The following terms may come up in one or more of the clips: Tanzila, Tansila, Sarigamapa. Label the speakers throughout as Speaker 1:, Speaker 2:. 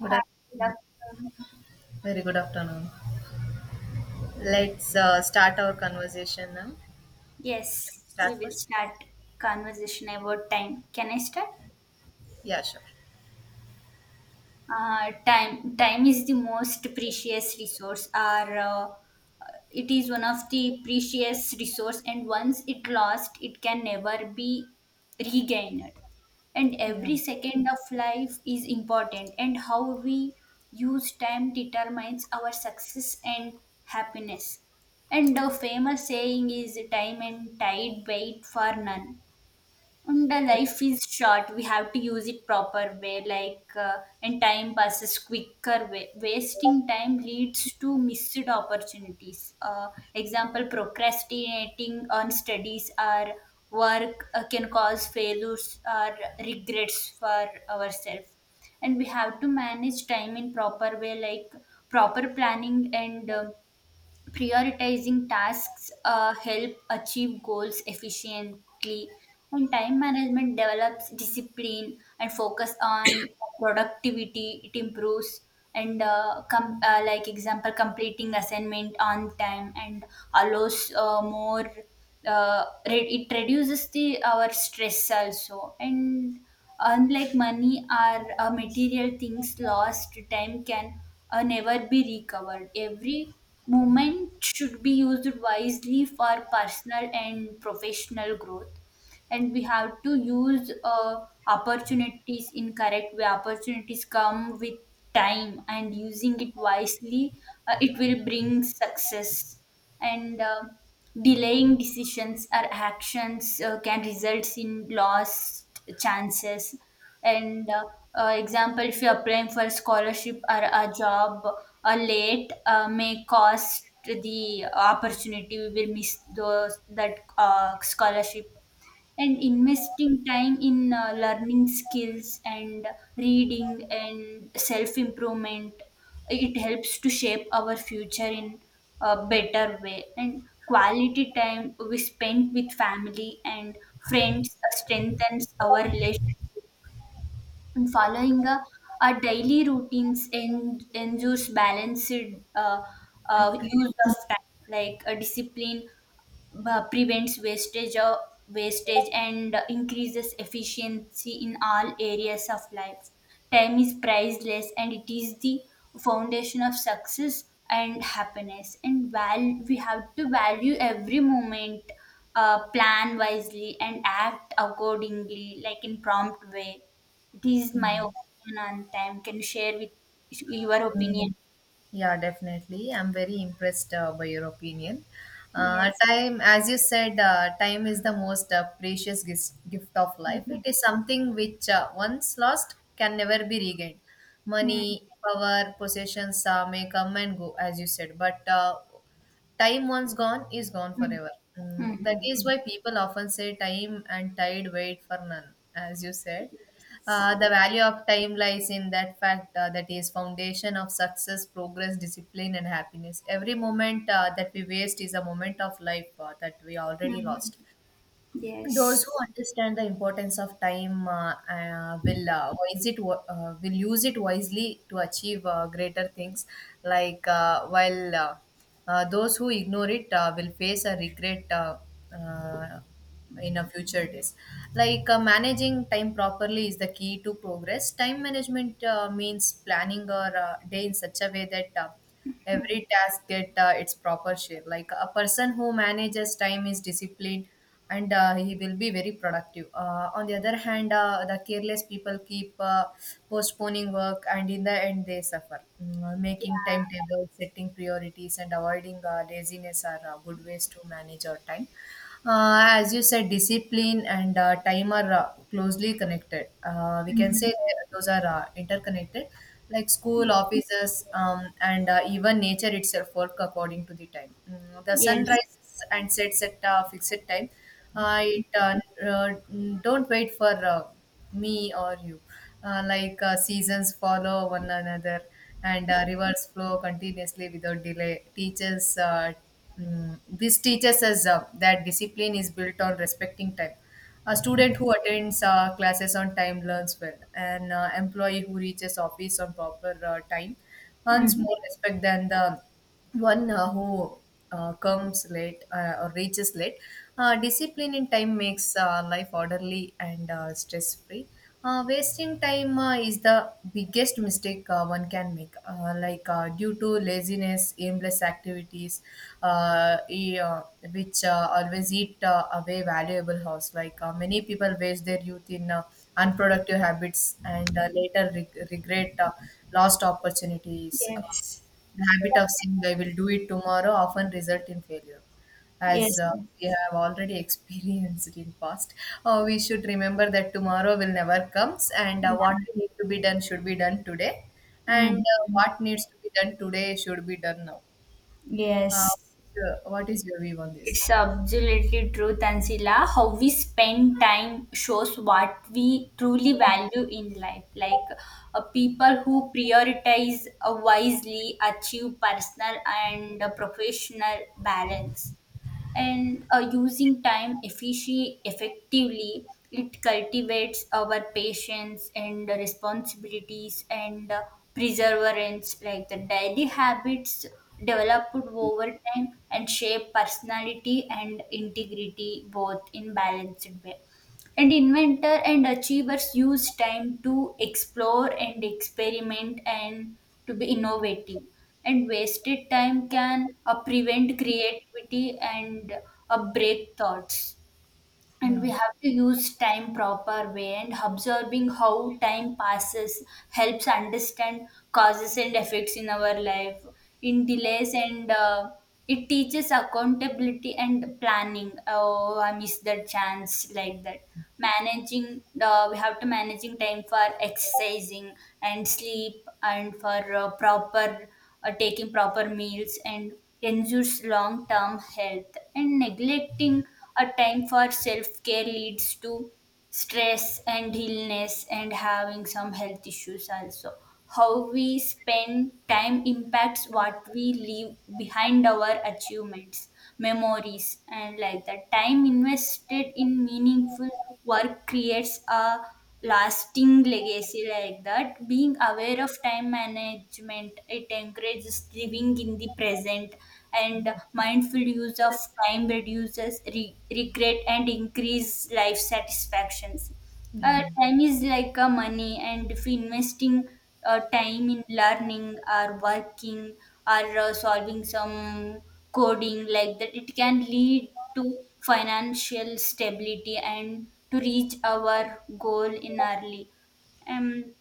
Speaker 1: Good afternoon.
Speaker 2: good afternoon.
Speaker 1: Very good afternoon. Let's start our conversation now.
Speaker 2: Yes, we
Speaker 1: Start
Speaker 2: will
Speaker 1: first?
Speaker 2: start conversation about time. Can I start?
Speaker 1: Yeah, sure.
Speaker 2: Time is the most precious resource. Our It is one of the precious resource, and once it lost it can never be regained, and
Speaker 1: Yeah.
Speaker 2: every second of life is important, and how we use time determines our success and happiness. And the famous saying is time and tide wait for none, and the life is short. We have to use it proper way, like, and time passes quicker way. Wasting time leads to missed opportunities. Example: procrastinating on studies or work can cause failures or regrets for ourselves. And we have to manage time in proper way, like proper planning and, prioritizing tasks help achieve goals efficiently, and time management develops discipline and focus on productivity it improves. And like example completing assignment on time, and allows more, it reduces the our stress also. And unlike money or material things, lost time can, never be recovered. Every moment should be used wisely for personal and professional growth. And we have to use opportunities in correct way. Opportunities come with time, and using it wisely, it will bring success. And Delaying decisions or actions can result in lost chances. And Example, if you're applying for a scholarship or a job late, may cost the opportunity. We will miss those that scholarship. And investing time in learning skills and reading and self improvement, it helps to shape our future in a better way. And quality time we spend with family and friends strengthens our relation. And following a, our daily routines and ensures balanced, uh, use of time like a discipline prevents wastage and increases efficiency in all areas of life. Time is priceless, and it is the foundation of success and happiness, and we have to value every moment, plan wisely and act accordingly, like in prompt way. It is
Speaker 1: Yeah.
Speaker 2: my opinion on time. Can you share with your opinion?
Speaker 1: Yeah, definitely. I'm very impressed by your opinion.
Speaker 2: Yes.
Speaker 1: Time, as you said, time is the most precious gift of life. It
Speaker 2: Mhm.
Speaker 1: is something which once lost can never be regained.
Speaker 2: Mhm.
Speaker 1: Money, power, possessions may come and go, as you said, but time once gone is gone
Speaker 2: Mhm.
Speaker 1: forever. That is
Speaker 2: Mhm.
Speaker 1: why people often say time and tide wait for none, as you said. The value of time lies in that fact that is foundation of success, progress, discipline, and happiness. Every moment that we waste is a moment of life that we already
Speaker 2: Mhm.
Speaker 1: lost. Those who
Speaker 2: Yes.
Speaker 1: understand the importance of time will use it wisely to achieve greater things. Like while Those who ignore it will face a regret uh, in a future days. Managing time properly is the key to progress. Time management means planning our day in such a way that. Every task get its proper share, like a person who manages time is disciplined, and he will be very productive. On the other hand, the careless people keep postponing work, and in the end they suffer. Making timetables, setting priorities, and avoiding laziness are good ways to manage our time. As you said, discipline and time are closely connected. We can
Speaker 2: Mhm.
Speaker 1: say those are interconnected, like school, offices, and even nature itself work according to the time. The sun
Speaker 2: Yes.
Speaker 1: rises and sets at a fixed time. It uh, don't wait for me or you. Seasons follow one another, and rivers flow continuously without delay. This teaches us that discipline is built on respecting time. A student who attends classes on time learns well. An employee who reaches office on proper time earns more respect than the one who comes late or reaches late. Discipline in time makes life orderly and stress free. Wasting time is the biggest mistake one can make. Due to laziness, aimless activities, uh, e- uh, which always eat away valuable hours. Many people waste their youth in unproductive habits, and later regret lost opportunities.
Speaker 2: Yes.
Speaker 1: The habit of saying "I will do it tomorrow" often result in failure, as
Speaker 2: Yes.
Speaker 1: uh,
Speaker 2: Yes.
Speaker 1: we have already experienced in past. We should remember that tomorrow will never comes, and what we need to be done should be done today, and
Speaker 2: Mhm.
Speaker 1: what needs to be done today should be done now. Uh,
Speaker 2: Yes,
Speaker 1: what is your view on this?
Speaker 2: it's absolutely true, Tansila. How we spend time shows what we truly value in life. Like, people who prioritize wisely achieve personal and professional balance. And effectively, it cultivates our patience and responsibilities and, perseverance, like the daily habits developed over time, and shape personality and integrity both in balanced way. And inventor and achievers use time to explore and experiment and to be innovative. And wasted time can prevent creativity and break thoughts. And
Speaker 1: Yeah,
Speaker 2: we have to use time proper way, and observing how time passes helps understand causes and effects in our life in delays. And it teaches accountability and planning, oh I missed that chance, like that. Managing, we have to managing time for exercising and sleep and for proper, taking proper meals, and ensures long term health. And neglecting a time for self-care leads to stress and illness and having some health issues also. How we spend time impacts what we leave behind, our achievements, memories, and like that, time invested in meaningful work creates a lasting legacy. Like that, being aware of time management, it encourages living in the present, and mindful use of time reduces regret and increase life satisfactions.
Speaker 1: yeah.
Speaker 2: Time is like a money, and if investing time in learning or working or solving some coding, like that, it can lead to financial stability and to reach our goal in early. um,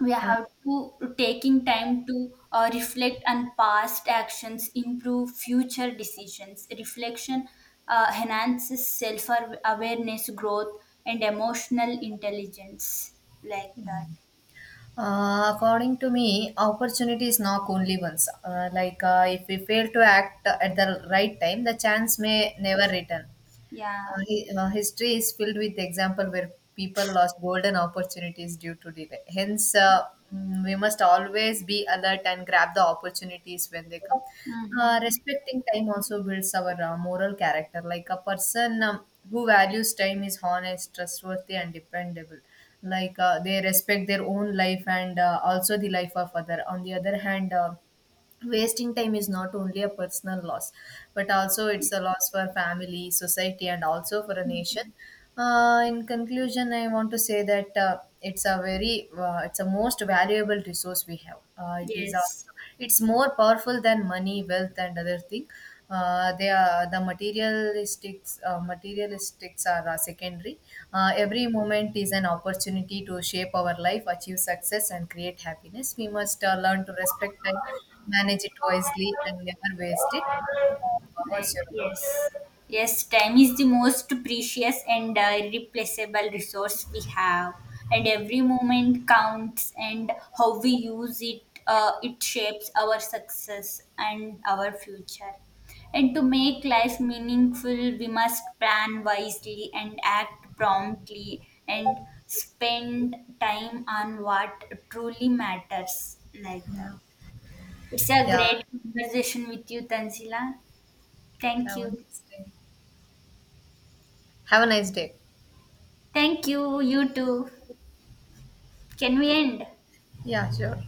Speaker 2: we
Speaker 1: Uh,
Speaker 2: have to taking time to reflect on past actions, improve future decisions. Reflection enhances self awareness, growth, and emotional intelligence, like that.
Speaker 1: According to me, opportunity is not only once. If we fail to act at the right time, the chance may
Speaker 2: Yes.
Speaker 1: never return.
Speaker 2: Yeah.
Speaker 1: History is filled with example where people lost golden opportunities due to delay. Hence, we must always be alert and grab the opportunities when they come.
Speaker 2: Mm-hmm.
Speaker 1: Respecting time also builds our moral character. Like a person who values time is honest, trustworthy, and dependable. They respect their own life and also the life of other. On the other hand. Wasting time is not only a personal loss, but also it's a loss for family, society, and also for a nation. In conclusion, I want to say that it's a most valuable resource we have.
Speaker 2: Yes.
Speaker 1: It's more powerful than money, wealth, and other thing. They are the materialistics. Materialistics are secondary. Every moment is an opportunity to shape our life, achieve success, and create happiness. We must learn to respect time, manage it wisely, and never waste it.
Speaker 2: Like,
Speaker 1: Uh, what's your
Speaker 2: yes. Yes, time is the most precious and, irreplaceable resource we have, and every moment counts. And how we use it, it shapes our success and our future. And to make life meaningful, we must plan wisely and act promptly, and spend time on what truly matters. Like that.
Speaker 1: opinion?
Speaker 2: It's a
Speaker 1: Yeah. Yeah.
Speaker 2: great conversation with you, Tanzila. Thank
Speaker 1: Have a
Speaker 2: you.
Speaker 1: nice day. Have a nice day.
Speaker 2: Thank you, you too. Can we end?
Speaker 1: Yeah, sure.